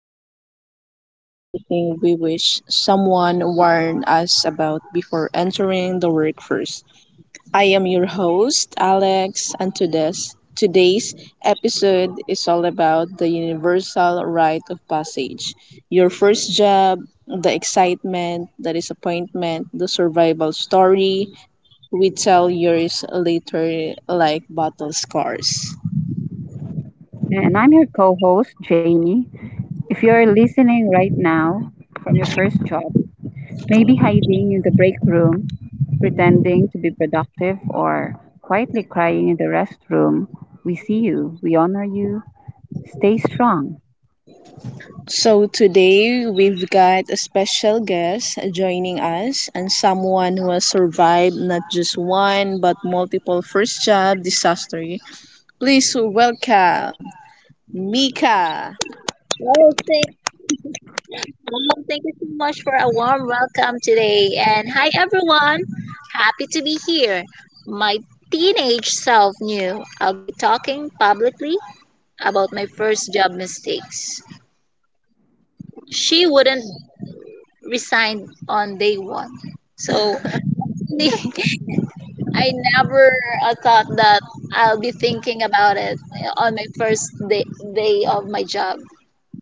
misadventure, and everything we wish someone warned us about before entering the workforce. I am your host, Alex, and today's episode is all about the universal rite of passage. Your first job, the excitement, the disappointment, the survival story we tell years later like battle scars. And I'm your co host, Jamie. If you're listening right now from your first job, maybe hiding in the break room, pretending to be productive, or quietly crying in the restroom, we see you, we honor you. Stay strong. So today we've got a special guest joining us and someone who has survived not just one but multiple first job disaster. Please welcome Mika. Well, thank, well, thank you so much for a warm welcome today. And hi, everyone. Happy to be here. My teenage self knew I'd be talking publicly about my first job mistakes. She wouldn't resign on day one. So I never thought that I'll be thinking about it on my first day of my job.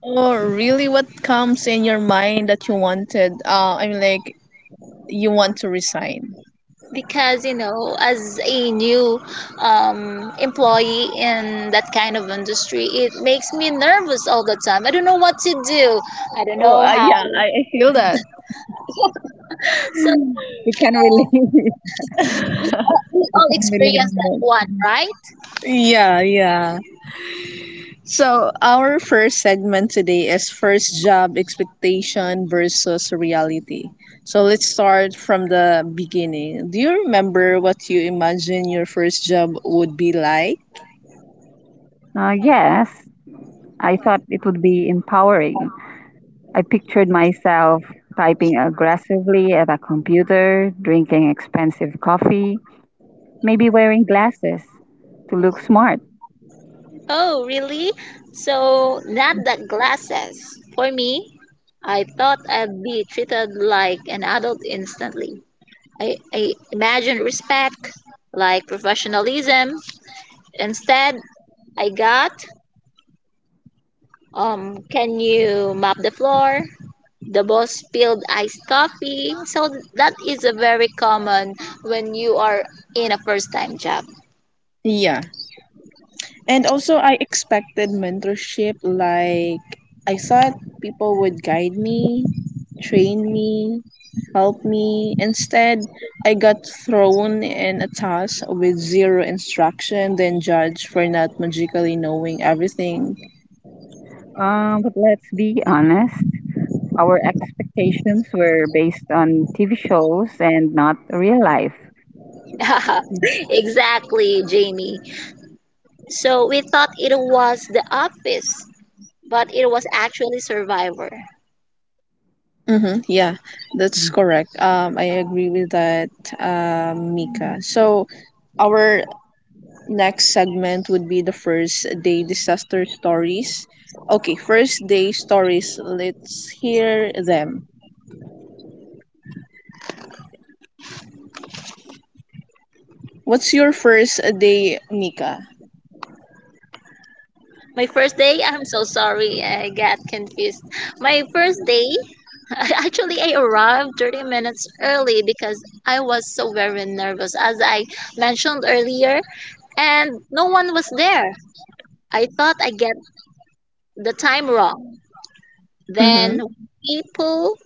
Oh, really, what comes in your mind that you wanted, I mean like, you want to resign. Because as a new employee in that kind of industry, it makes me nervous all the time. I don't know what to do. I don't Oh, know how. yeah, I feel that. So We can relate. we We all can relate experience on that this. one, right? Yeah, yeah. So our first segment today is first job expectation versus reality. So let's start from the beginning. Do you remember what you imagine your first job would be like? Yes, I thought it would be empowering. I pictured myself typing aggressively at a computer, drinking expensive coffee, maybe wearing glasses to look smart. Oh, really. So not the glasses for me. I thought I'd be treated like an adult instantly. I imagined respect, like professionalism. Instead I got, "Um, can you mop the floor?" The boss spilled iced coffee. So that is a very common when you are in a first time job. Yeah. And also, I expected mentorship. Like, I thought people would guide me, train me, help me. Instead, I got thrown in a task with zero instruction, then judged for not magically knowing everything. But let's be honest, our expectations were based on TV shows and not real life. Exactly, Jamie. So we thought it was the office, but it was actually Survivor. Mm-hmm, yeah, that's correct. I agree with that, Mika. So, our next segment would be the first day disaster stories. Okay, first day stories. Let's hear them. What's your first day, Nika? My first day, I'm so sorry, I got confused. My first day, actually, I arrived 30 minutes early because I was so very nervous. As I mentioned earlier, and no one was there. I thought I get the time wrong. Mm-hmm. Then people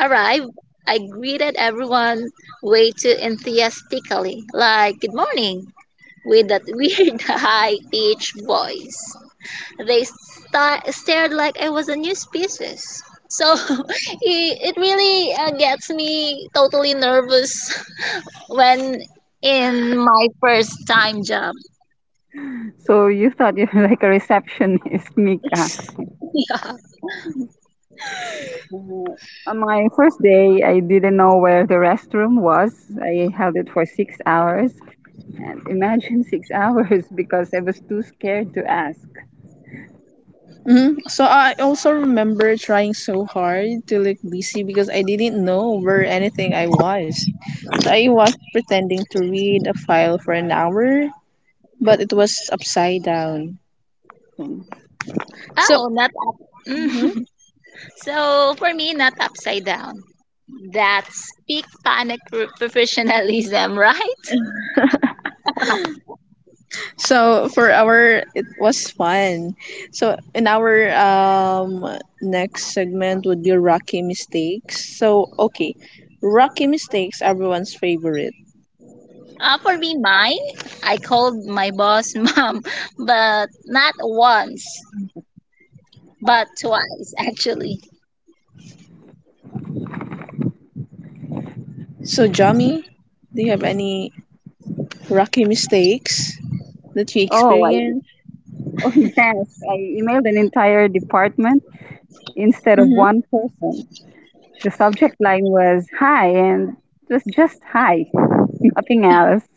arrived. I greeted everyone way too enthusiastically, like "Good morning" with that weird high-pitched voice. They stared like I was a new species. So it really gets me totally nervous when in my first time job. So you thought you were like a receptionist, Mika. Yeah. Uh, on my first day, I didn't know where the restroom was. I held it for 6 hours. And imagine six hours because I was too scared to ask. Mm-hmm. So I also remember trying so hard to look busy because I didn't know where anything I was. So I was pretending to read a file for an hour, but it was upside down. Oh, So. Oh, not up. Mm-hmm. So for me, not upside down. That's peak panic professionalism, right? So for our, it was fun. So in our next segment would be rocky mistakes. So okay, rocky mistakes, everyone's favorite. For me, mine, I called my boss mom, but not once, but twice actually. So Jami, do you have any rocky mistakes that you I, experience? oh yes, I emailed an entire department instead of Mm-hmm. one person. The subject line was hi, and it was just hi, nothing else.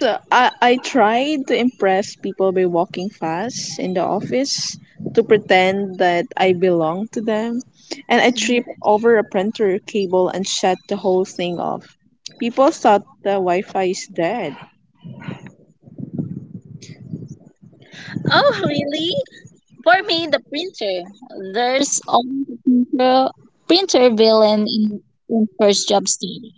So I tried to impress people by walking fast in the office to pretend that I belong to them, and I tripped over a printer cable and shut the whole thing off. People thought the Wi-Fi is dead. Oh, really? For me, the printer. There's always a printer villain in first job study.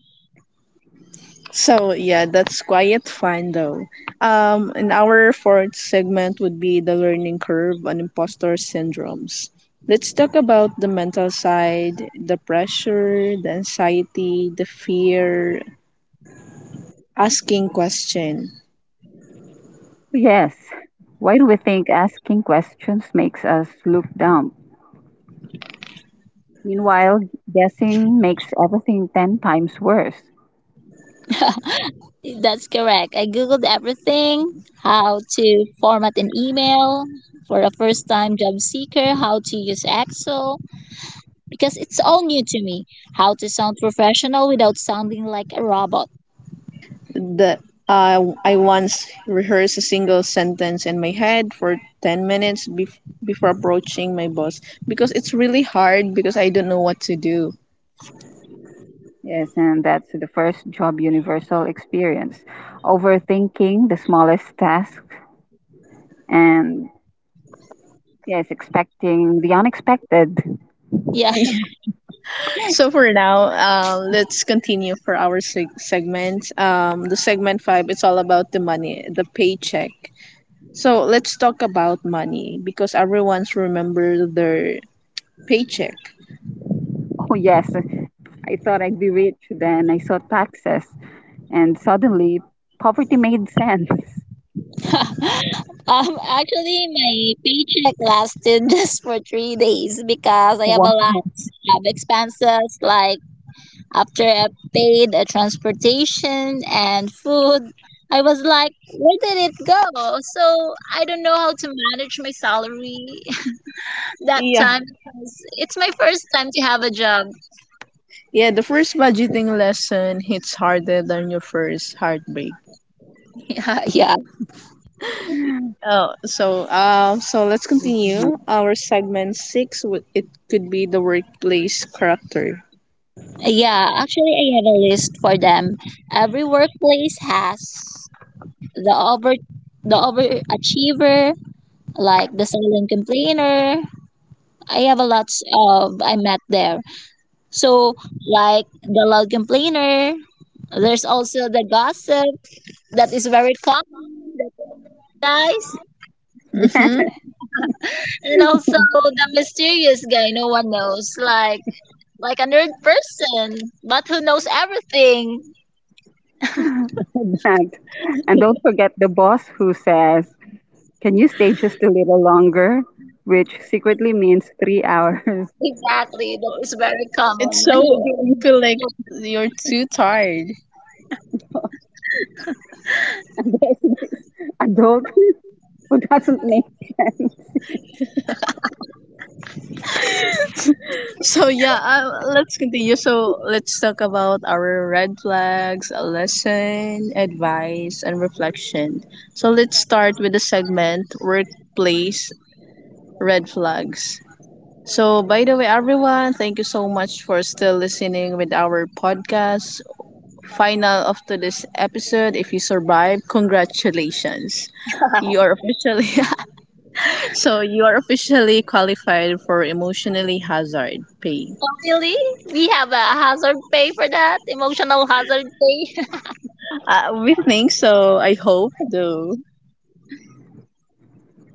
So yeah, that's quiet fun though. And our fourth segment would be the learning curve on imposter syndromes. Let's talk about the mental side, the pressure, the anxiety, the fear, asking question. Yes, why do we think asking questions makes us look dumb? Meanwhile, guessing makes everything 10 times worse. That's correct. I googled everything: how to format an email for a first-time job seeker, how to use Excel because it's all new to me, how to sound professional without sounding like a robot. The I once rehearsed a single sentence in my head for 10 minutes before approaching my boss because it's really hard because I don't know what to do. Yes, and that's the first job universal experience. Overthinking the smallest task and, yes, expecting the unexpected. Yeah. So for now, let's continue for our segment. The segment five, it's all about the money, the paycheck. So let's talk about money because everyone's remember their paycheck. Oh, yes. I thought I'd be rich, then I saw taxes, and suddenly poverty made sense. um Actually, my paycheck lasted just for 3 days because I have a Wow. lot of expenses. Like after I paid a transportation and food, I was like, where did it go? So I don't know how to manage my salary that Yeah. time. It's it's my first time to have a job. Yeah, the first budgeting lesson hits harder than your first heartbreak. Yeah, yeah, Yeah, Oh, so so let's continue our segment six. It could be the workplace character. yeah. Actually, I have a list for them. Every workplace has the over the overachiever, like the silent complainer. I have a lot of I met there. So like the loud complainer, there's also the gossip that is very common, that is nice, Mm-hmm. and also the mysterious guy no one knows, like a nerd person, but who knows everything. that. And don't forget the boss who says, can you stay just a little longer? Which secretly means 3 hours. Exactly, that is very It's common when so you're you dealing feel like with you're too tired. And there's this adult who doesn't make sense. So yeah, let's continue. So let's talk about our red flags, a lesson, advice and reflection. So let's start with the segment workplace red flags. So by the way, everyone, thank you so much for still listening with our podcast final of today's episode. If you survive, congratulations, you are officially so you are officially qualified for emotionally hazard pay. family. We have a hazard pay for that, emotional hazard pay. We think so. I hope, though.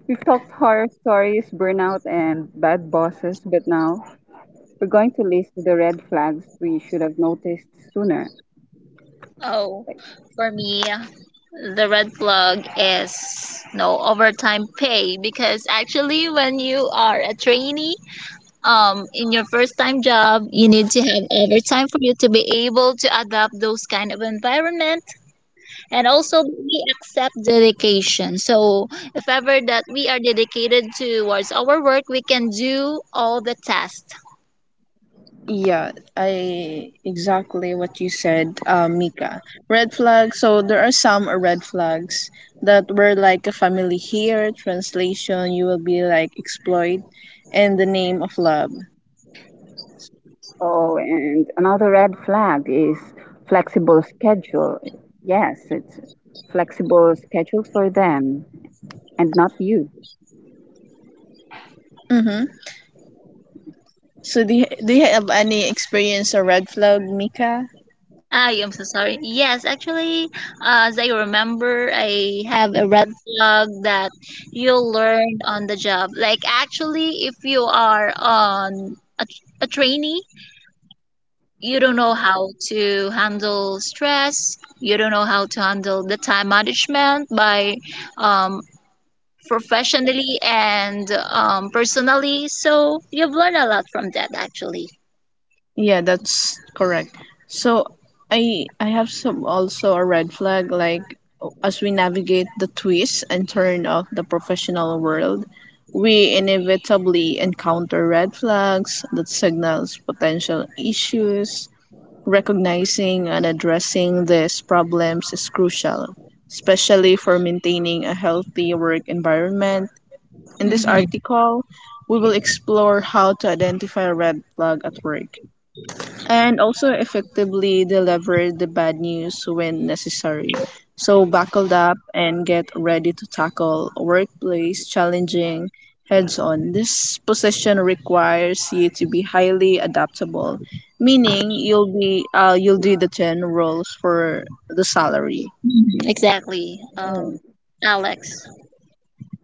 We've talked horror stories, burnout, and bad bosses, but now we're going to list the red flags we should have noticed sooner. Oh, Like, for me, the red flag is no overtime pay. Because actually when you are a trainee in your first time job, you need to have overtime for you to be able to adapt those kind of environment. And also we accept dedication. So if ever that we are dedicated towards our work, we can do all the tasks. Yeah, I exactly what you said, Mika. Red flags. So there are some red flags that were like a family here. Translation, you will be like exploit, and the name of love. oh, and another red flag is flexible schedule. Yes, it's flexible schedule for them and not you. Mm-hmm. So do you have any experience or red flag, Mika? I am so sorry, yes. Actually, as I remember, I have a red flag that you learned on the job. Like actually, if you are on a trainee, you don't know how to handle stress, you don't know how to handle the time management by um, professionally and personally. So you've learned a lot from that actually. Yeah, that's correct. So I have some also a red flag like, as we navigate the twist and turn of the professional world, we inevitably encounter red flags that signals potential issues. Recognizing and addressing these problems is crucial, especially for maintaining a healthy work environment. In this Hmm. article, we will explore how to identify a red flag at work and also effectively deliver the bad news when necessary. So, buckle up and get ready to tackle workplace challenging heads on. This position requires you to be highly adaptable, meaning you'll do the 10 roles for the salary. Exactly Oh. Alex.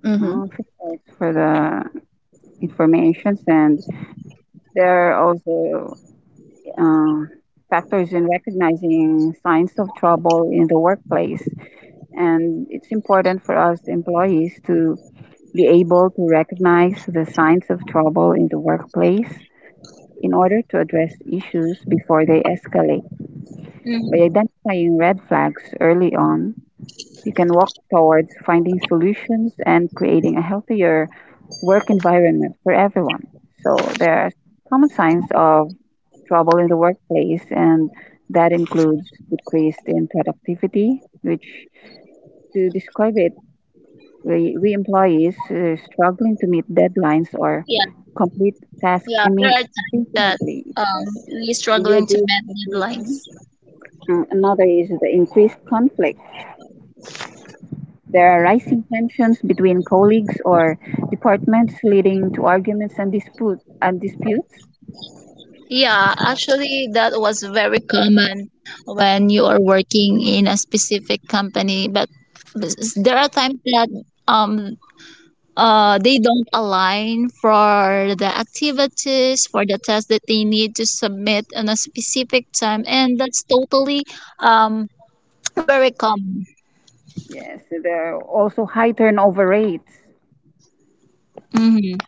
Mhm. Uh, thanks for the informations, and there are also uh, factors in recognizing signs of trouble in the workplace. And it's important for us employees to be able to recognize the signs of trouble in the workplace in order to address issues before they escalate. By Hmm. identifying red flags early on, you can walk towards finding solutions and creating a healthier work environment for everyone. So there are common signs of trouble in the workplace, and that includes decreased in productivity, which to describe it, we employees struggling to meet deadlines or Yeah. complete tasks Yeah, there imme- are times that efficiently. Yes. we're Do you struggling to agree meet with deadlines. me? Another is the increased conflict. There are rising tensions between colleagues or departments, leading to arguments and disputes. Yeah, actually, that was very common when you are working in a specific company. But there are times that um they don't align for the activities for the tasks that they need to submit on a specific time, and that's totally um very common. Yes, so there are also high turnover rates Mm-hmm.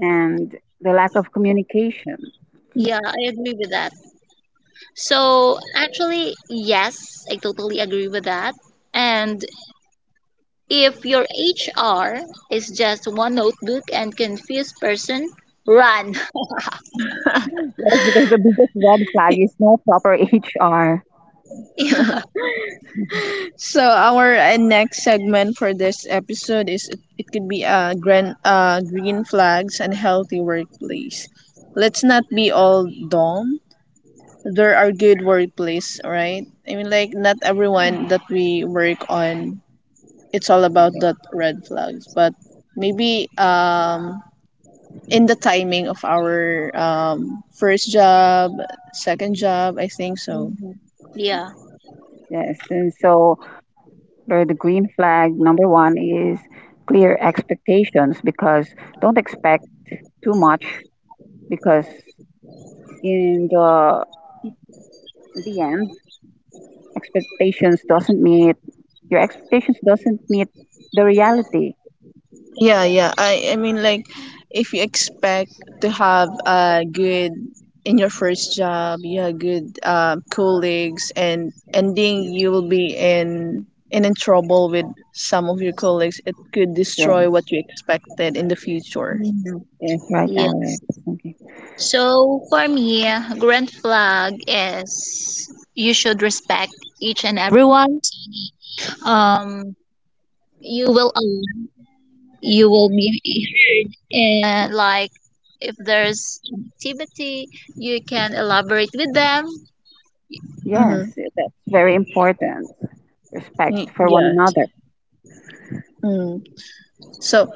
and the lack of communication. Yeah, I agree with that. So actually, yes, I totally agree with that. And if your HR is just one notebook and confused person, run. Yes, because the biggest red flag is no proper HR. Yeah. So our next segment for this episode is, it could be green flags and healthy workplace. Let's not be all doom. There are good workplace, right? I mean, like not everyone that we work on, it's all about that red flags. But maybe in the timing of our first job, second job, I think so. Mhm. Yeah. Yes, and so or the green flag number one is clear expectations because don't expect too much because in the in the end expectations doesn't meet expectations doesn't meet the reality. Yeah, yeah. I mean like, if you expect to have a good in your first job, you have good colleagues and ending you will be in and in trouble with some of your colleagues, it could destroy Yes, what you expected in the future. Mhm. yes, right, Yes. Alex. Okay. So for me, grand flag is you should respect each and everyone. Um, you will align. You will be and like if there's activity, you can elaborate with them. Yes, Mm-hmm. that's very important. Respect for one Yeah. another. Mm. So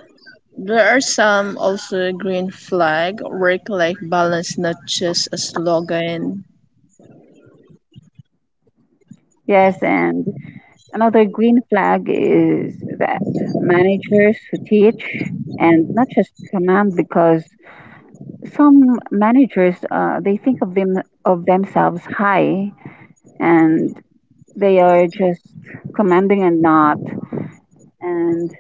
there are some also green flag work-life balance, not just a slogan. Yes, and another green flag is that managers who teach and not just command because some managers they think of themselves high and they are just commanding and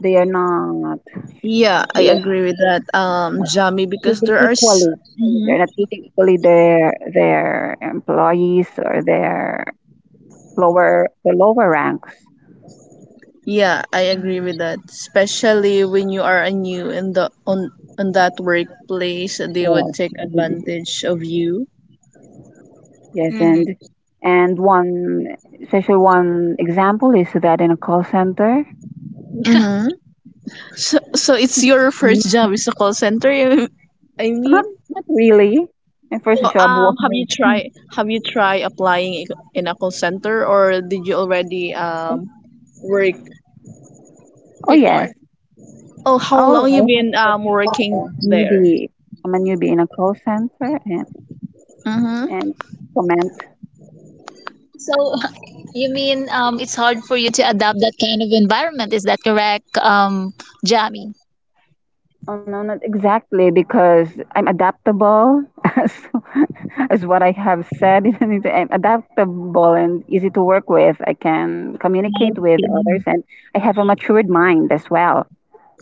they are Yeah, I they are agree with that, not Jami, because treating there are equally their employees or their lower ranks. Yeah, I agree with that. Especially when you are a new in the on that workplace, they would Yes, take maybe. advantage of you. Yes, and Mhm. and one one example is that in a call center. Mm-hmm. So it's your first Mm. job is a call center. I mean, Not really. My first so, job was have you tried applying in a call center, or did you already work? oh yes. Before. Oh, how Oh, long you I have to been work for working a there? newbie. I'm a newbie in a call center Mm-hmm. and comment. So you mean it's hard for you to adapt that kind of environment? Is that correct, Jamie? Oh no, not exactly because I'm adaptable as as what I have said. I'm adaptable and easy to work with. I can communicate with others, and I have a matured mind as well.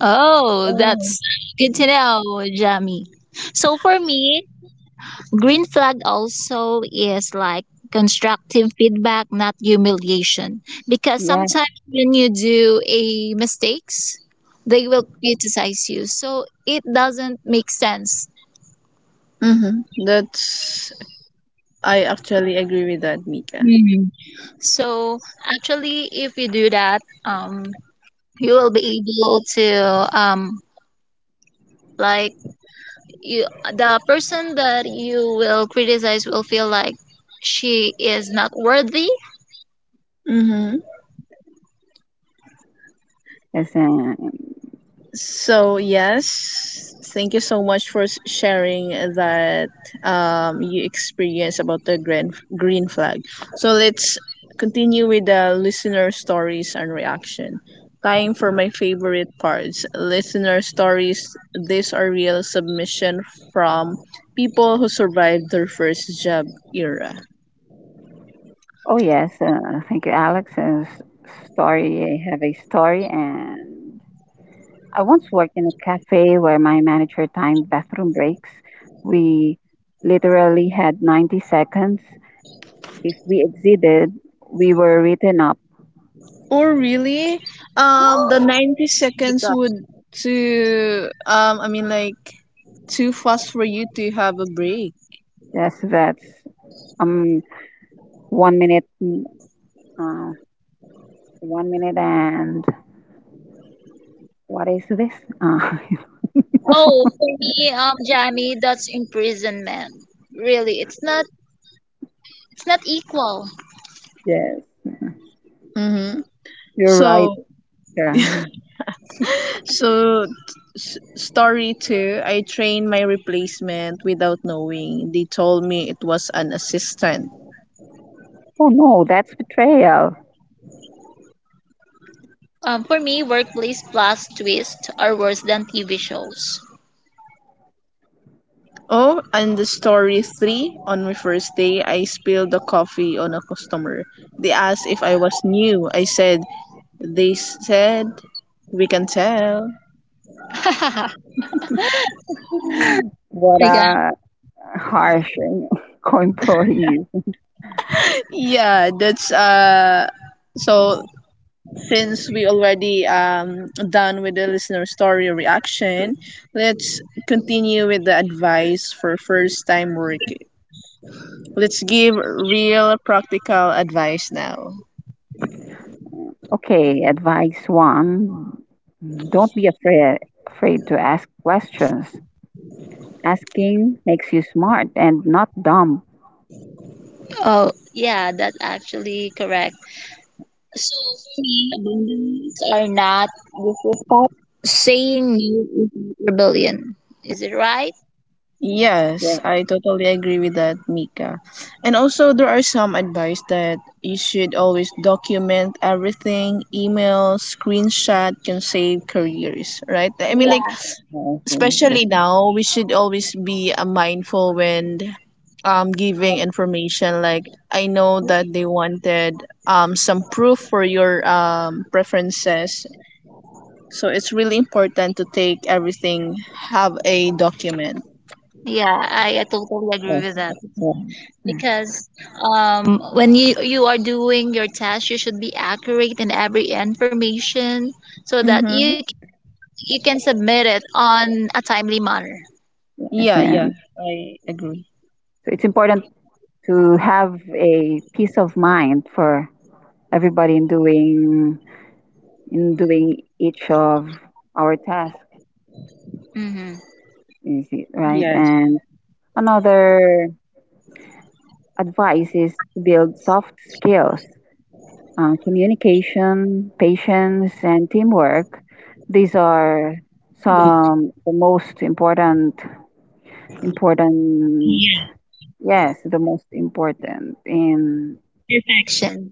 Oh, Oh. that's good to know, Jamie. So for me, green flag also is like constructive feedback, not humiliation. Because Yeah. sometimes when you do a mistakes, they will criticize you. So it doesn't make sense. Mm-hmm. That's I actually agree with that, Mika. Mhm. So actually, if you do that, you will be able to like you the person that you will criticize will feel like she is not worthy. Mm-hmm. Yes, So yes, thank you so much for sharing that, you experience about the green flag. So let's continue with the listener stories and reaction. Time for my favorite parts. Listener stories. These are real submission from people who survived their first job era. oh yes. Thank you, Alex. S- story. I have a story, and I once worked in a cafe where my manager timed bathroom breaks. We literally had 90 seconds. If we exceeded, we were written up Oh really, the 90 seconds would to, I mean like, too fast for you to have a break. as vets. Um, 1 minute, uh, 1 minute, and what is this? Uh, Oh, for me Jamie, that's imprisonment, really. It's not equal. yes, Mm-hmm. you're right. So, Uh, so story two, I trained my replacement without knowing. They told me it was an assistant. oh no, that's betrayal. For me, workplace plus twist are worse than TV shows. Oh, and the story three, on my first day, I spilled the coffee on a customer. They asked if I was new. I said, they said we can tell. Mm, what a harsh co-employees. Yeah, that's so, since we already done with the listener story reaction, let's continue with the advice for first time work. Let's give real practical advice now. Okay, advice one: don't be afraid to ask questions. Asking makes you smart and not dumb. Oh, yeah, that's actually correct. See, beliefs are not disrespect. Saying no is not rebellion. Is it right? Yes, Yes, I totally agree with that, Mika. And also, there are some advice that you should always document everything. Email, screenshot can save careers, right? I mean, like, Yeah. yeah, especially now, we should always be mindful when giving information. Like, I know that they wanted some proof for your preferences, so it's really important to take everything. Have a document. Yeah, I totally agree yes, with that. that's correct. Because when you are doing your test, you should be accurate in every information so that Mm-hmm. you can submit it on a timely manner. Yes, Yeah, yeah, and I agree. so it's important to have a peace of mind for everybody in doing each of our tasks, Mm-hmm. you see, right? Yes. And another advice is to build soft skills, communication, patience, and teamwork. These are some the most important important yes the most important in Perfection.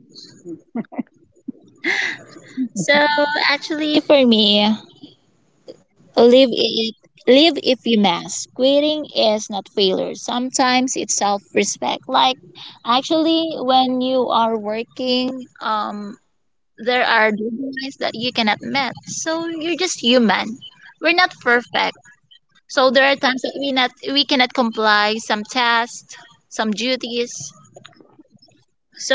So actually, for me, Live it live if you must. Quitting is not failure. Sometimes it's self respect. Like actually when you are working, um there are deadlines that you cannot meet. So you're just human. We're not perfect. So there are times that we cannot comply some tasks, some duties.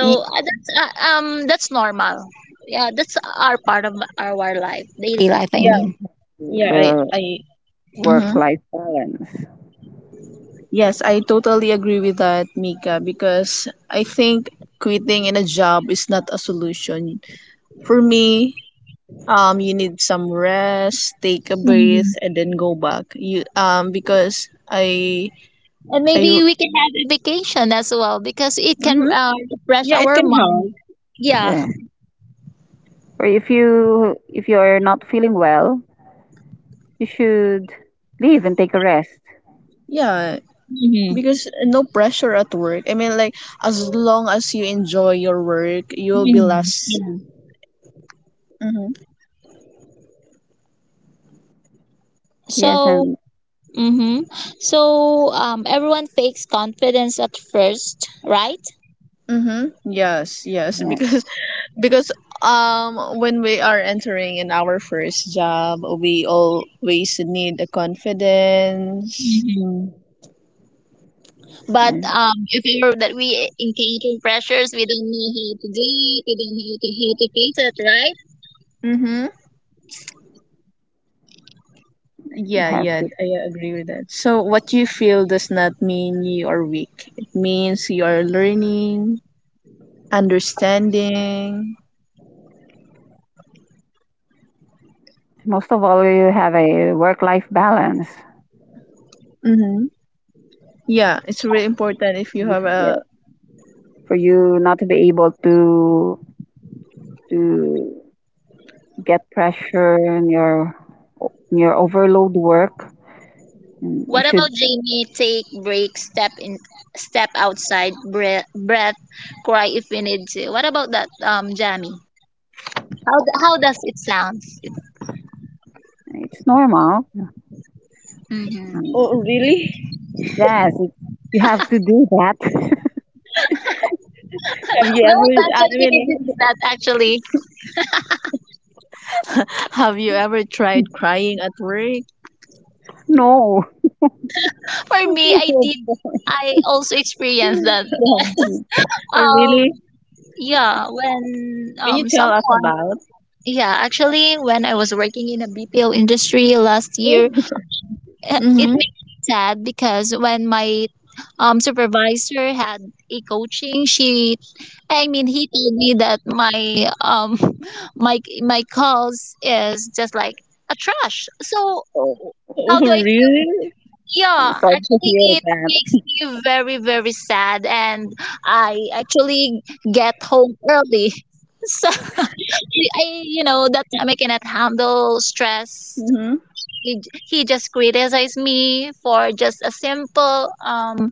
Y- that's normal. Yeah, that's our part of our life, daily life I yeah, mean. yeah, I, the I. work Mm-hmm. life balance. Yes, I totally agree with that, Mika, because I think quitting in a job is not a solution. For me, you need some rest, take a breath, and then go back you, because i And i maybe we can have a vacation as well because it can mm-hmm. Refresh Yeah, it our can mind. help. Yeah. Yeah. Or if you're not feeling well, you should leave and take a rest. Yeah, Hmm. because no pressure at work. I mean like, as long as you enjoy your work you'll be less. Mm-hmm. Yes, So, and hmm so, everyone fakes confidence at first, right? Mm-hmm. Yes, yes. yeah, Because because when we are entering in our first job, we always need a confidence. hmm But and if ever that we encounter pressures, we don't know how to do it. We don't know how to face it, right? Mm-hmm. you Yeah, have yeah, to. I agree with that. So, what you feel does not mean you are weak. It means you are learning, understanding. Most of all, you have a work life balance. Mm-hmm. Yeah, it's really important if you have Yeah. a. For you not to be able to get pressure in your overload work, and you What about should. Jamie? Take break, step in, step outside, breath, breath, cry if we need to. What about that, Jamie? How does it sound? It's normal. Mm-hmm. Um, Oh, really? Yes, it's, you have to do that. Have you ever? Well, that's I what we did mean, is that actually. have you ever tried crying at work? No. For me, I No, of did. course. I also experienced that. Yeah, Oh, Um, really? yeah, Can you um tell us someone about? yeah, actually when I was working in a BPO industry last year, uh, it makes Mm-hmm. me sad because when my supervisor had a coaching, she, I mean he told me that my my calls is just like a trash. So so Oh, how do I? really? I'm Yeah, sorry to actually, hear it that. makes me very very sad. And I actually get home early. So I, that time I cannot handle stress. Mm-hmm. He, he just criticized me for just a simple um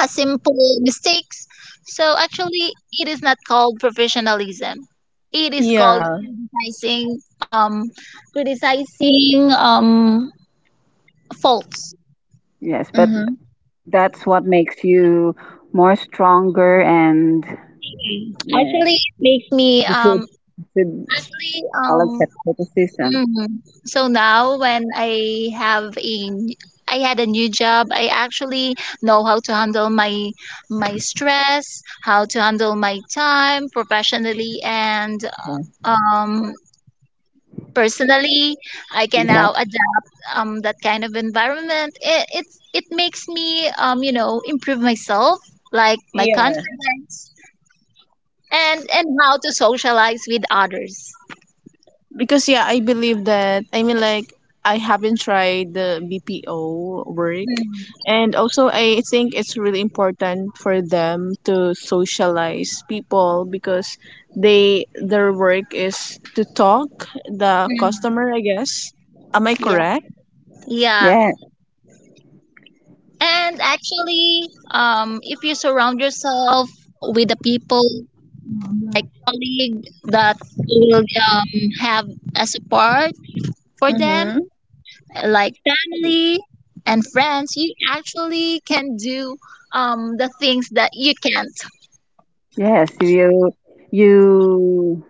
a simple mistakes. So actually, it is not called professionalism. It is called Yeah. criticizing criticizing um faults. Yes, but Mm-hmm. that's what makes you more stronger and yeah, Actually, it makes me you should, you should reallyall accept criticism. Mhm. So now when I I had a new job, I actually know how to handle my stress, how to handle my time professionally and Yeah, um personally. I can now exactly. adapt that kind of environment. It makes me improve myself, like my confidence and how to socialize with others. Because yeah, I believe that. I mean like, I haven't tried the BPO work, Mm, and also I think it's really important for them to socialize people because they their work is to talk the mm. customer, I guess. Am I Yeah. correct? Yeah. Yeah, And actually, if you surround yourself with the people, like colleague that will have a support for them, Mm-hmm. like family and friends, you actually can do the things that you can't. yes, you you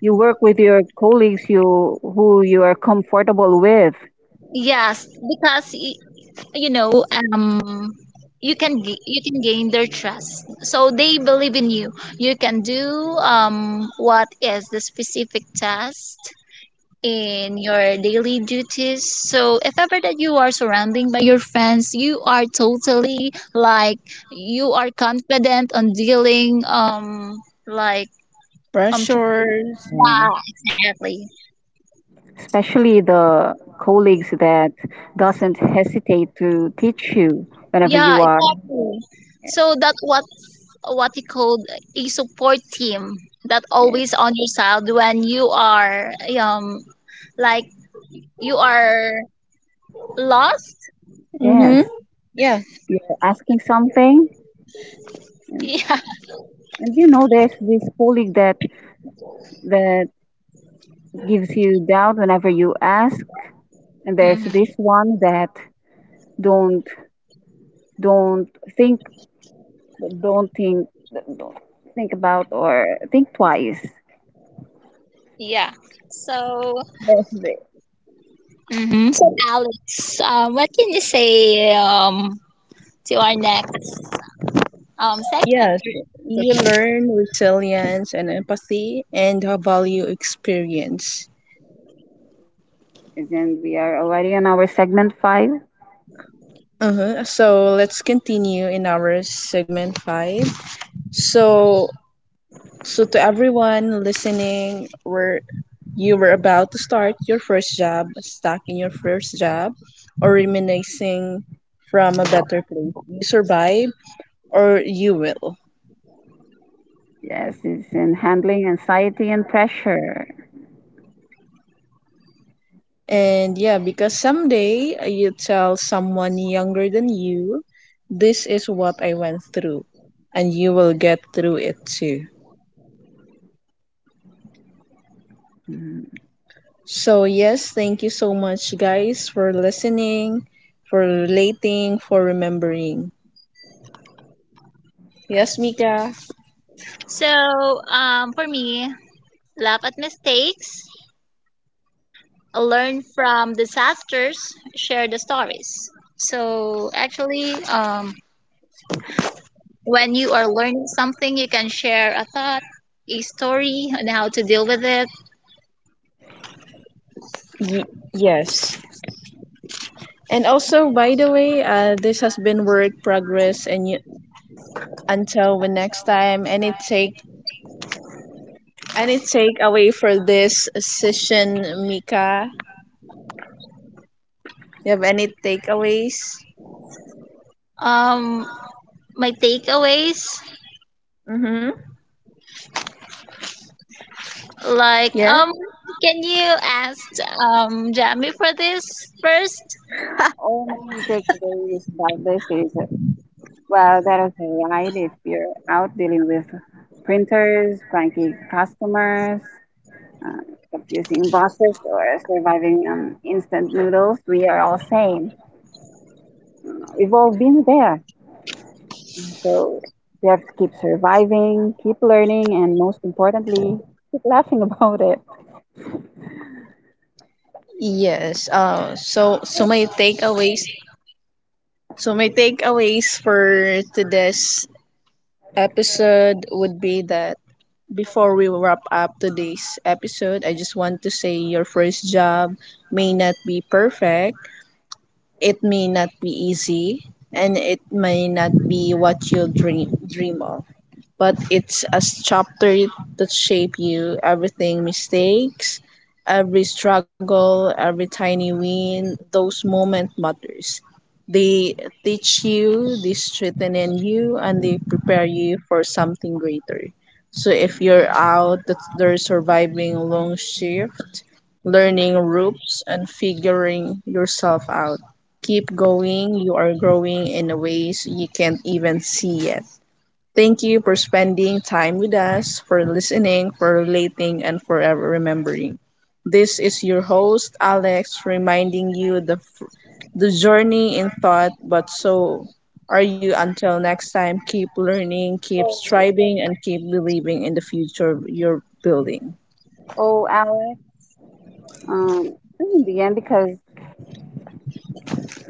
you work with your colleagues you who you are comfortable with. Yes, because you know um, you can gain their trust, so they believe in you. You can do what is the specific task in your daily duties. So if ever that you are surrounding by your friends, you are totally like you are confident on dealing like Pressures. Yeah. yeah, exactly. Especially the colleagues that doesn't hesitate to teach you whenever Yeah, you are exactly. yeah, So that what you call a support team that yeah. always on your side when you are um like you are lost. Mm-hmm. Yes, Yeah, you're asking something, and, Yeah. and you know there's this colleague that gives you doubt whenever you ask, and there's Hmm. this one that don't don't think don't think don't think about or think twice. Yeah. So. That's it. Hmm. So, Alex, what can you say to our next segment? yes, you learn resilience and empathy and value experience. And we are already on our segment five. Uh-huh. So let's continue in our segment five. So so to everyone listening, where you were about to start your first job, stuck in your first job, or reminiscing from a better place. You survive or you will. Yes, it's in handling anxiety and pressure. And yeah, because someday you tell someone younger than you, this is what I went through, and you will get through it too. Mhm. So, yes, thank you so much, guys, for listening, for relating, for remembering. Yes, Mika? So, for me, laugh at mistakes, learn from disasters, share the stories. So, actually, when you are learning something, you can share a thought, a story on how to deal with it. Y- yes. And also, by the way, this has been Work Progress, and until the next time, any takeaway for this session, Mika? You have any takeaways? Um, my takeaways, Mm-hmm. like, Yeah. um, can you ask Jamie for this first? All my takeaways about this is well, that is a variety. If you're out dealing with printers, cranky customers, uh, confusing bosses, or surviving instant noodles, we are all same. We've all been there. So we have to keep surviving, keep learning, and most importantly, keep laughing about it. Yes. So my takeaways. So my takeaways for today's episode would be that before we wrap up today's episode, I just want to say your first job may not be perfect, it may not be easy, and it may not be what you dream of, but it's a chapter that shape you. Everything mistakes, every struggle, every tiny win, those moment matters. They teach you, they strengthen you, and they prepare you for something greater. So if you're out that there surviving a long shift, learning ropes and figuring yourself out. Keep going, you are growing in ways you can't even see yet. Thank you for spending time with us, for listening, for relating, and forever remembering. This is your host, Alex, reminding you the journey in thought, but so are you. Until next time, keep learning, keep striving, and keep believing in the future you're building. Oh, hours um, in the end, because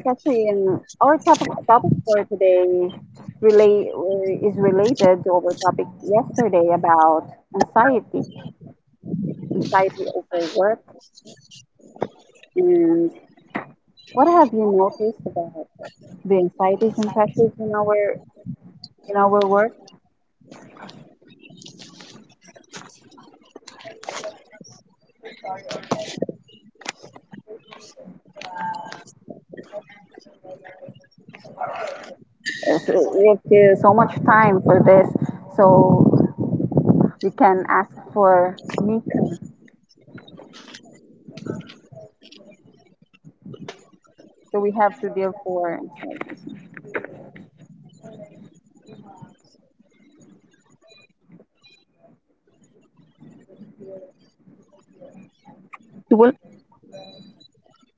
Catherine, our topic for today relate, is related to our topic yesterday about anxiety, anxiety over work, and what have you noticed about the anxieties and pressures in our work? So we have so much time for this, so we can ask for Mika. So we have to deal for anxieties. Well,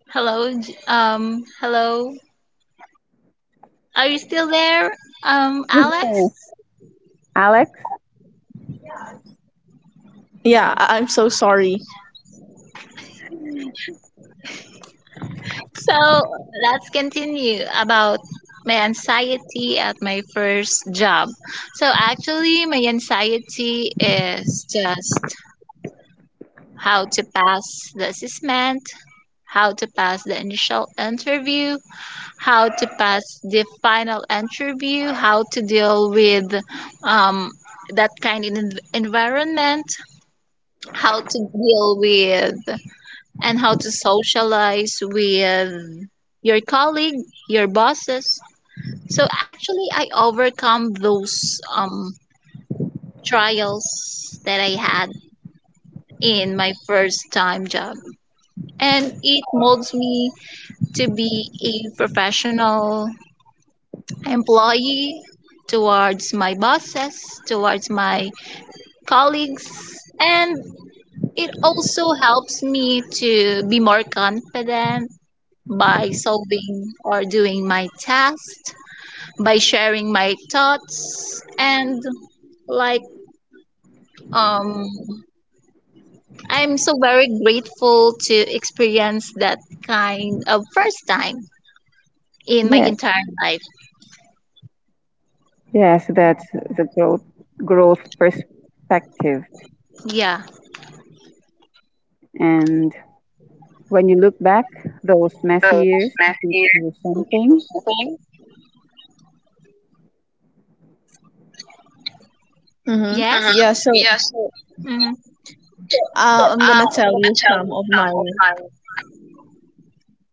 Hello, hello. Are you still there, Alex? yes. Alex. Yeah, I'm so sorry. So let's continue about my anxiety at my first job. So actually, my anxiety is just how to pass the assessment, how to pass the initial interview, how to pass the final interview, how to deal with um, that kind of environment, how to deal with and how to socialize with your colleague, your bosses. So actually, I overcome those trials that I had in my first time job. And it molds me to be a professional employee towards my bosses, towards my colleagues, and it also helps me to be more confident by solving or doing my tasks, by sharing my thoughts, and like um I'm so very grateful to experience that kind of first time in my Yes. entire life. Yes, that's the growth perspective. Yeah. And when you look back, those messy So, years Matthew, teach you you something. choose something? Mm-hmm. Yes. Mm-hmm. Yeah, so Yeah, so Mm. uh, I'm gonna I'm tell gonna you tell some you of some my of my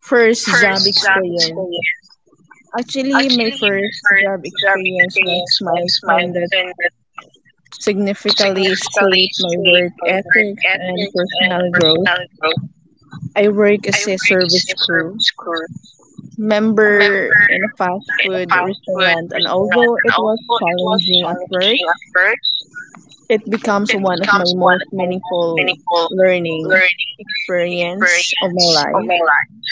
first job first job experience. experience. Actually, my Actually, my first job first job experience was experience was my milestone that friend significantly significantly shaped my swayed work by work ethics and ethic and personal growth. personal growth. I work I as a worked service in service crew school, member member in a fast in a food fast food restaurant, and restaurant. although it Although was it was challenging at first, challenging at first, it becomes it one of my becomes one most of the most meaningful meaningful learning learning experience of my experience of life. my life.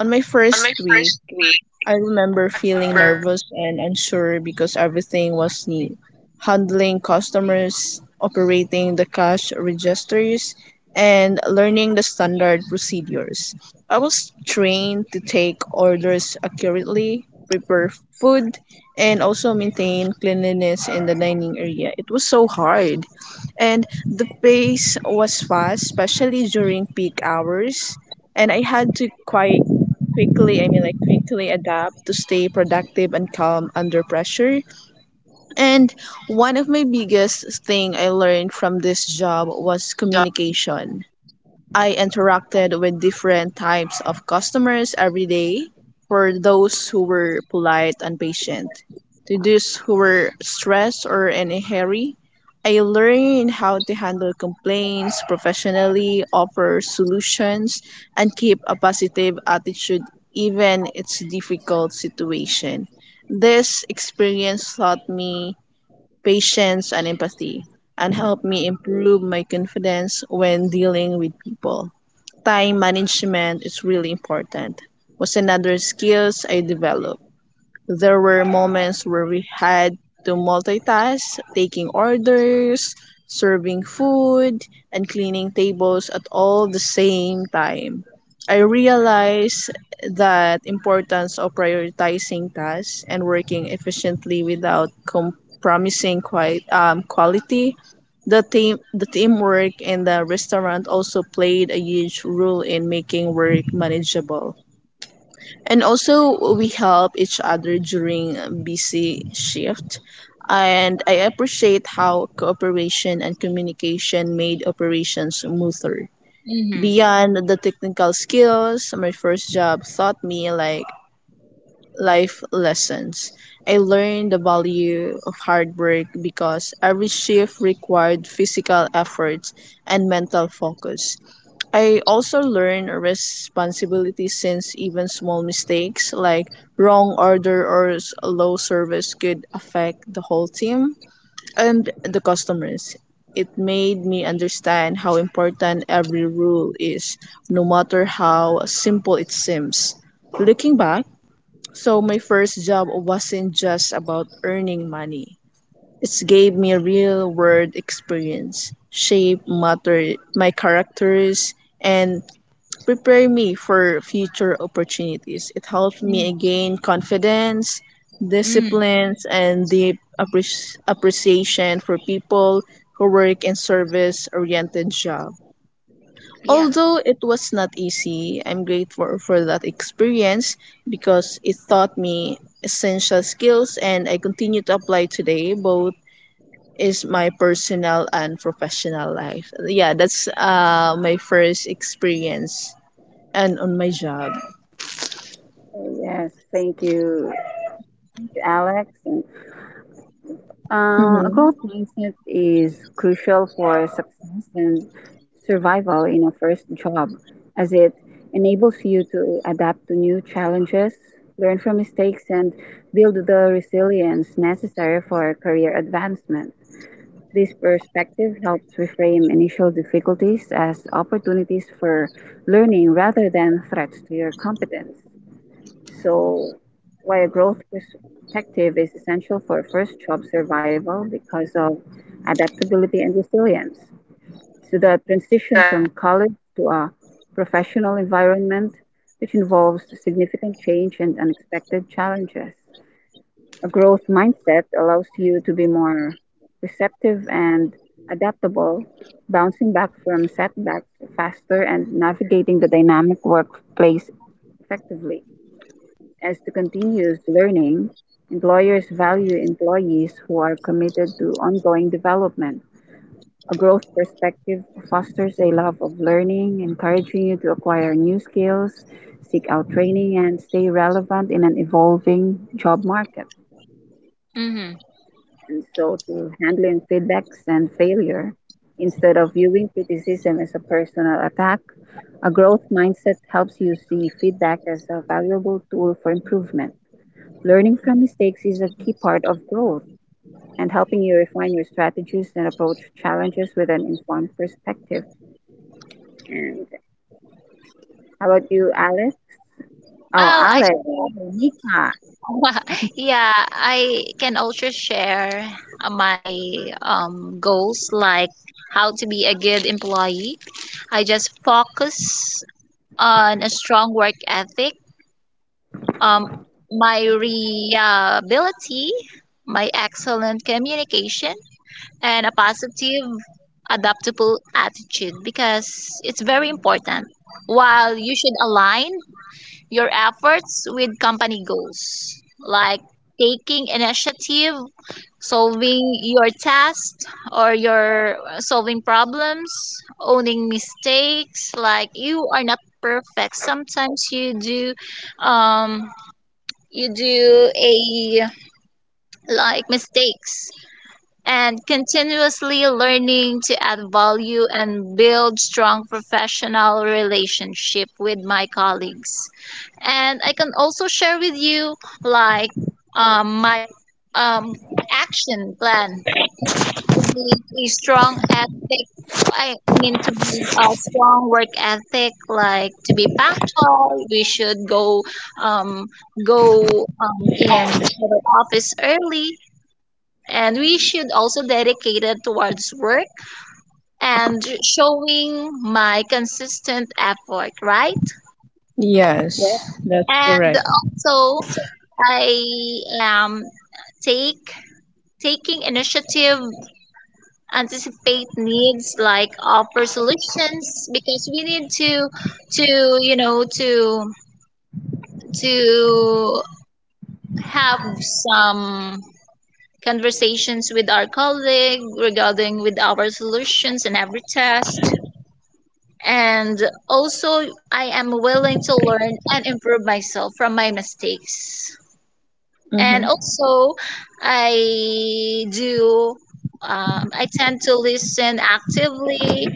On my On first my week, first week, I I remember worked. feeling nervous and unsure because everything was new. Handling customers, operating the cash registers, and learning the standard procedures. I was trained to take orders accurately, prepare food, and also maintain cleanliness in the dining area. It was so hard. And the pace was fast, especially during peak hours. And I had to quite quickly I mean like quickly adapt to stay productive and calm under pressure. And one of my biggest thing I learned from this job was communication. I interacted with different types of customers every day. For those who were polite and patient, to those who were stressed or in a hurry, I learned how to handle complaints professionally, offer solutions, and keep a positive attitude even in it's difficult situation. This experience taught me patience and empathy and helped me improve my confidence when dealing with people. Time management is really important was another skills I developed. There were moments where we had to multitask, taking orders, serving food, and cleaning tables at all the same time. I realized that importance of prioritizing tasks and working efficiently without compromising quite quality. The teamwork in the restaurant also played a huge role in making work manageable, and also we help each other during busy shift, and I appreciate how cooperation and communication made operations smoother. Mm-hmm. Beyond the technical skills my first job taught me like life lessons, I learned the value of hard work because every shift required physical effort and mental focus. I also learned responsibility since even small mistakes like wrong order or low service could affect the whole team and the customers. It made me understand how important every rule is, no matter how simple it seems. Looking back, so my first job wasn't just about earning money. It gave me a real world experience, shaped matter my characters and prepare me for future opportunities. It helped Mm-hmm. me gain confidence, disciplines, and deep appreciation for people who work in service-oriented job. Yeah. Although it was not easy, I'm grateful for that experience because it taught me essential skills and I continue to apply today both is my personal and professional life. Yeah, that's my first experience and on my job. Yes, thank you, Alex. A Mm-hmm. growth mindset is crucial for success and survival in a first job, as it enables you to adapt to new challenges, learn from mistakes, and build the resilience necessary for career advancement. This perspective helps reframe initial difficulties as opportunities for learning rather than threats to your competence. So why a growth perspective is essential for first job survival because of adaptability and resilience. So the the transition from college to a professional environment, which involves significant change and unexpected challenges. A growth mindset allows you to be more receptive and adaptable, bouncing back from setbacks faster and navigating the dynamic workplace effectively. As to continuous learning, employers value employees who are committed to ongoing development. A growth perspective fosters a love of learning, encouraging you to acquire new skills, seek out training, and stay relevant in an evolving job market. Mm-hmm. And so to handling feedbacks and failure, instead of viewing criticism as a personal attack, a growth mindset helps you see feedback as a valuable tool for improvement. Learning from mistakes is a key part of growth and helping you refine your strategies and approach challenges with an informed perspective. And how about you, Alex? Oh, Oh, Alex, actually, Mika. yeah, I can also share my goals, like how to be a good employee. I just focus on a strong work ethic, um, my reliability, my excellent communication, and a positive, adaptable attitude, because it's very important. While you should align your efforts with company goals, like taking initiative, solving your tasks or your solving problems, owning mistakes. Like, you are not perfect. Sometimes um, you do a like mistakes, and continuously learning to add value and build strong professional relationship with my colleagues. And I can also share with you, like my um, action plan to be a strong ethic. I mean, to be a strong work ethic, like to be punctual. We should go um, go in the office early, and we should also dedicate it towards work and showing my consistent effort, right? Yes, Yes, that's And correct. also I take taking initiative, anticipate needs, like offer solutions, because we need to you know to to have some conversations with our colleague regarding with our solutions in every test. And also, I am willing to learn and improve myself from my mistakes. Mm-hmm. And also I do, I tend to listen actively,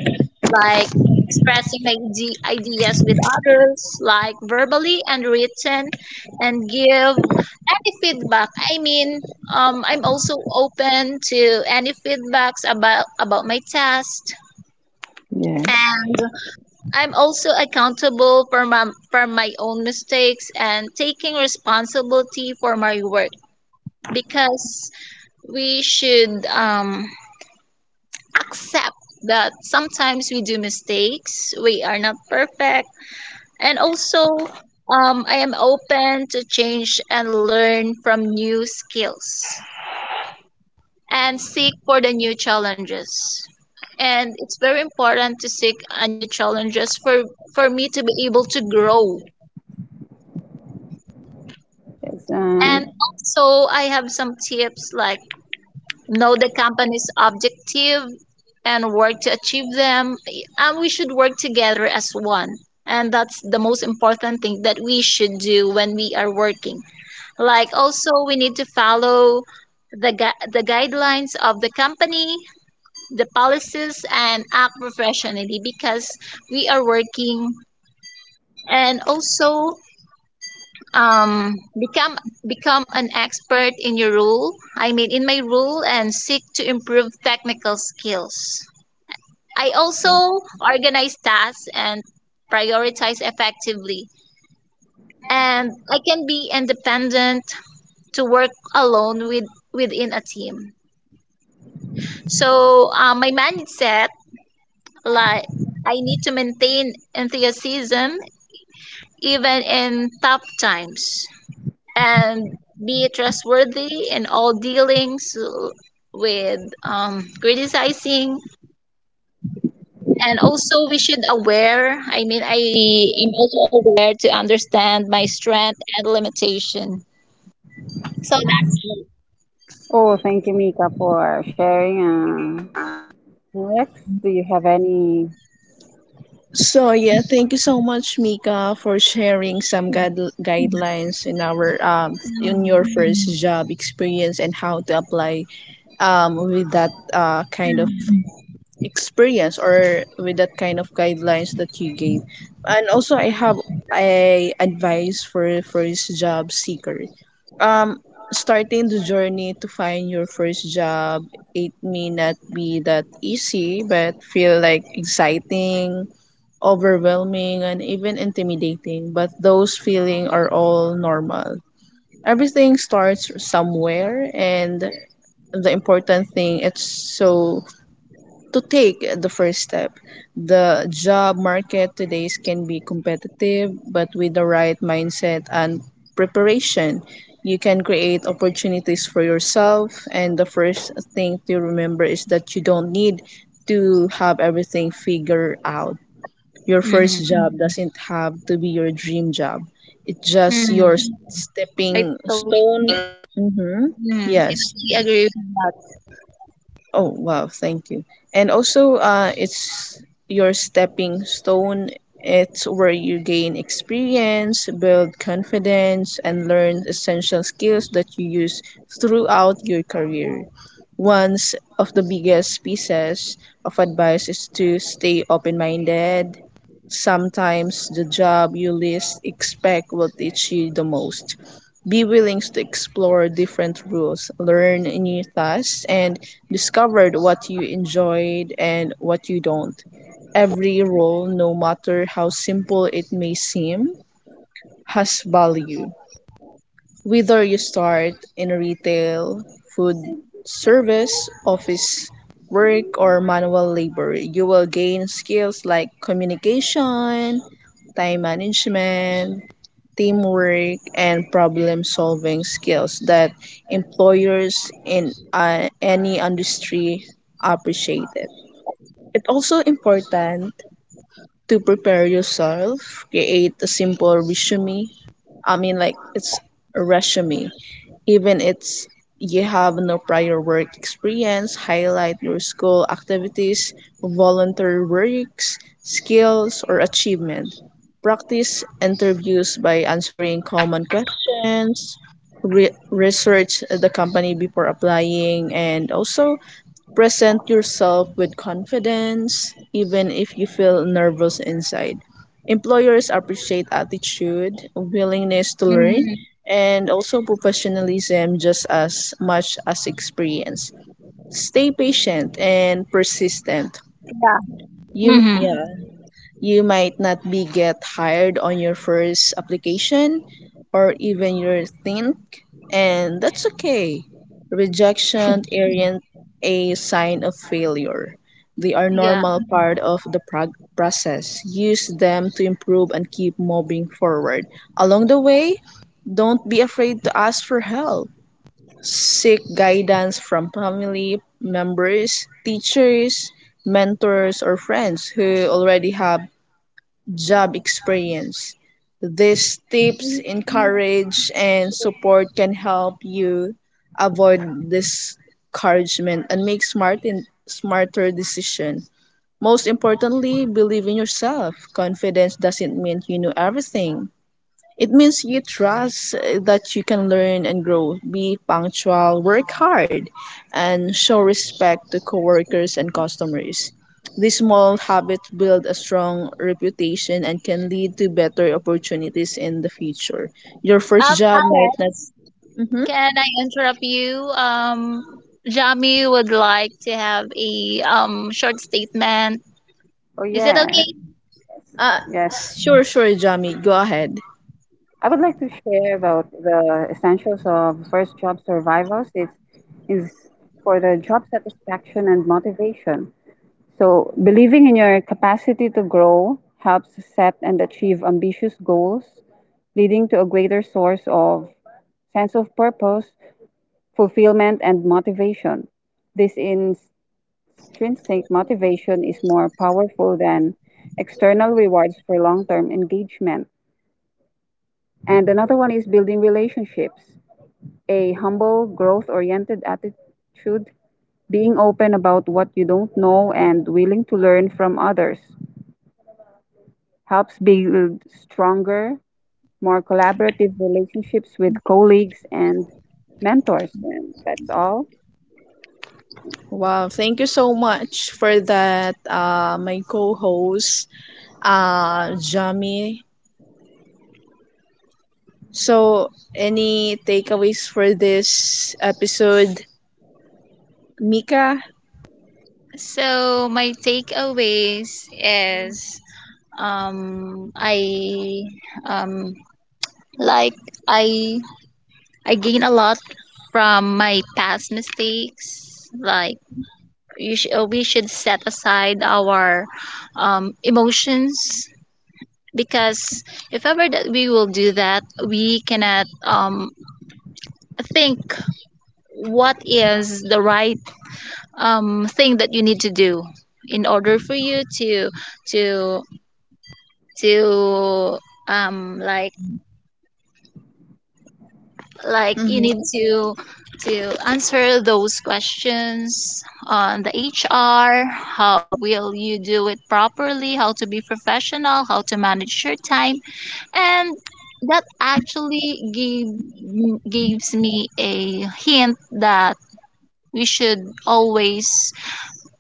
like expressing my ideas with others, like verbally and written, and give any feedback. I mean, I'm also open to any feedbacks about my test. yes. And I'm also accountable for my own mistakes and taking responsibility for my work, because we should accept that sometimes we do mistakes, we are not perfect. And also, I am open to change and learn from new skills and seek for the new challenges. And it's very important to seek a new challenges for me to be able to grow. Yes. And And also I have some tips, like know the company's objective and work to achieve them, and we should work together as one. And that's the most important thing that we should do when we are working. Like, also we need to follow the guidelines of the company, the policies, and act professionally, because we are working. And also um become become an expert in your rule, I mean in my rule, and seek to improve technical skills. I also yeah. organize tasks and prioritize effectively, and I can be independent to work alone with within a team. So my mindset, like, I need to maintain enthusiasm even in tough times and be trustworthy in all dealings with criticizing. And also we should aware, I mean I am also aware, to understand my strength and limitation. So that's it. Oh, thank you, Mika, for sharing. Rex, do you have any? So, yeah, thank you so much, Mika, for sharing some guidelines in mm our in your first job experience and how to apply with that kind of experience or with that kind of guidelines that you gave. And also I have a advice for first job seeker. Um, starting the journey to find your first job, it may not be that easy but feel like exciting, overwhelming, and even intimidating, but those feelings are all normal. Everything starts somewhere, and the important thing it's so to take the first step. The job market today can be competitive, but with the right mindset and preparation, you can create opportunities for yourself. And the first thing to remember is that you don't need to have everything figured out. Your first Mm-hmm. job doesn't have to be your dream job. It's just your Mm-hmm. stepping i totally stone. I Mm-hmm. totally agree with that. Yes. Oh, wow, thank you. And also, it's your stepping stone. It's where you gain experience, build confidence, and learn essential skills that you use throughout your career. One of the biggest pieces of advice is to stay open minded. Sometimes the job you least expect will teach you the most. Be willing to explore different routes, learn new tasks, and discover what you enjoyed and what you don't. Every role, no matter how simple it may seem, has value. Whether you start in retail, food service, office work, or manual labor, you will gain skills like communication, time management, teamwork, and problem solving skills that employers in any industry appreciate it. It's also important to prepare yourself, create a simple resume. I mean, like, it's a resume even it's you have no prior work experience, highlight your school activities, volunteer works, skills, or achievement. Practice interviews by answering common questions, research the company before applying, and also present yourself with confidence, even if you feel nervous inside. Employers appreciate hmm attitude, willingness to learn, and also professionalism just as much as experience. Stay patient and hmm persistent. You, yeah. You might not be get hired on your first application or even your think, and that's okay. Rejection aren't a sign of failure. Yeah. They are normal part of the process. Use them to improve and keep moving forward. Along the way, don't be afraid to ask for help. Seek guidance from family members, teachers, mentors, or friends who already have job experience. These tips, encourage, and support can help you avoid discouragement and make smarter decisions. Most importantly, believe in yourself. Confidence doesn't mean you know everything. It means you trust that you can learn and grow. Be punctual, work hard, and show respect to coworkers and customers. These small habits build a strong reputation and can lead to better opportunities in the future. Your first job might not. Alex, Mm-hmm. can I interrupt you? Jami would like to have a short statement. Oh, Is it yeah. okay? Uh, Yes. sure, Jamie. Go ahead. I would like to share about the essentials of first job survivals. It's is for the job satisfaction and motivation. So, believing in your capacity to grow helps set and achieve ambitious goals, leading to a greater source of sense of purpose, fulfillment, and motivation. This intrinsic motivation is more powerful than external rewards for long term engagement. And another one is building relationships. A humble, growth oriented attitude, being open about what you don't know and willing to learn from others, helps build stronger, more collaborative relationships with colleagues and mentors. And that's all. Wow, thank you so much for that, my co host, Jamie. So, any takeaways for this episode, Mika? So my takeaways is I um like I I gain a lot from my past mistakes. Like, we should set aside our emotions, because if ever that we will do that, we cannot think what is the right thing that you need to do in order for you to to um like like you need Mm-hmm. to answer those questions on the HR, how will you do it properly, how to be professional, how to manage your time. And that actually gave gives me a hint that we should always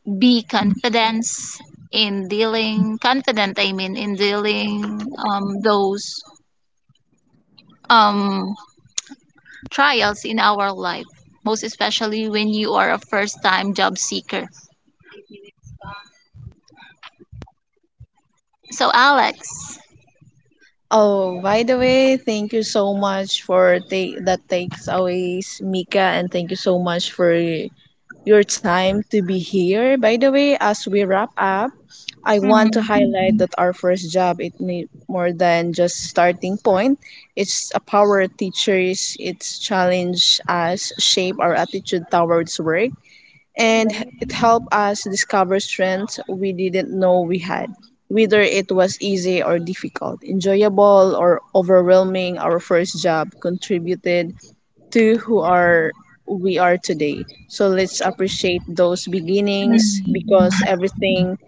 be confidence in dealing, confident I mean, in dealing those um, trials in our life, most especially when you are a first time job seeker. So Alex, Oh, by the way, thank you so much for take that takes always Mika, and thank you so much for your time to be here. By the way, as we wrap up, I want to mm, highlight that our first job it need more than just starting point. It's a power teachers. It's challenge us, shape our attitude towards work, and it helped us discover strengths we didn't know we had. Whether it was easy or difficult, enjoyable or overwhelming, our first job contributed to who are we are today. So let's appreciate those beginnings mm. because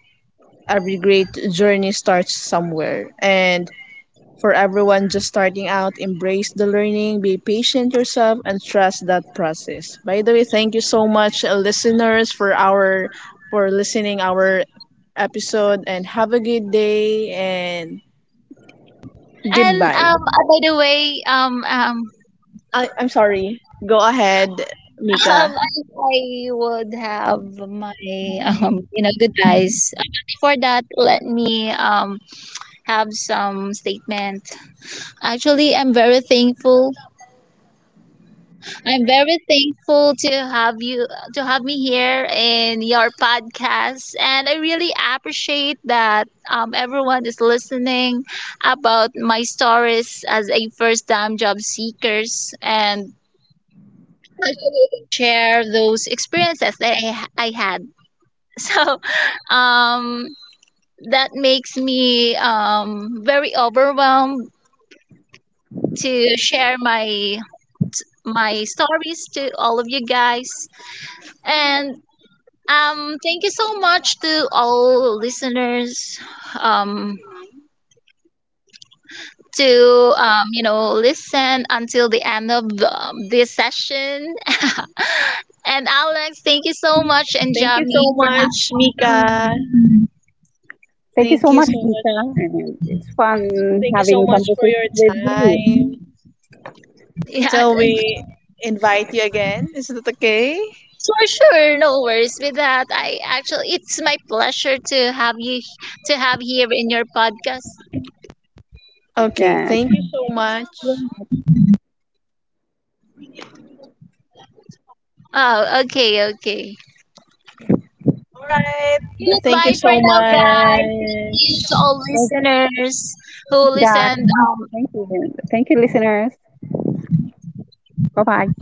every great journey starts somewhere, and for everyone just starting out, embrace the learning, be patient yourself, and trust that process. By the way, thank you so much, listeners, for our for listening our episode, and have a good day and And goodbye. By the way, I'm sorry. Go ahead, Mika. um, I would have my you know, good guys. Before that, let me have some statement. Actually, I'm very thankful to have you, to have me here in your podcast. And I really appreciate that everyone is listening about my stories as a first time job seekers, and share those experiences that I had. So um, that makes me very overwhelmed to share my stories to all of you guys. And thank you so much to all listeners, um, to you know, listen until the end of this session. And Alex, thank you so much, and Thank you so Jami for much, having Mika. me. Thank you Thank so you so much, Dita. much. And it's fun Thank you so having much for conversations your with you. time. Yeah, Till we invite you again. Is that okay? for sure, no worries with that. I actually, it's my pleasure to have you, to have here in your podcast. Okay. Yeah. Thank you so much. Thank Oh, okay, okay. All right. Thank you Goodbye for so now, guys. Thank you to all much. you, listeners who guys. listened Thank you. Thank you, listeners. Bye bye.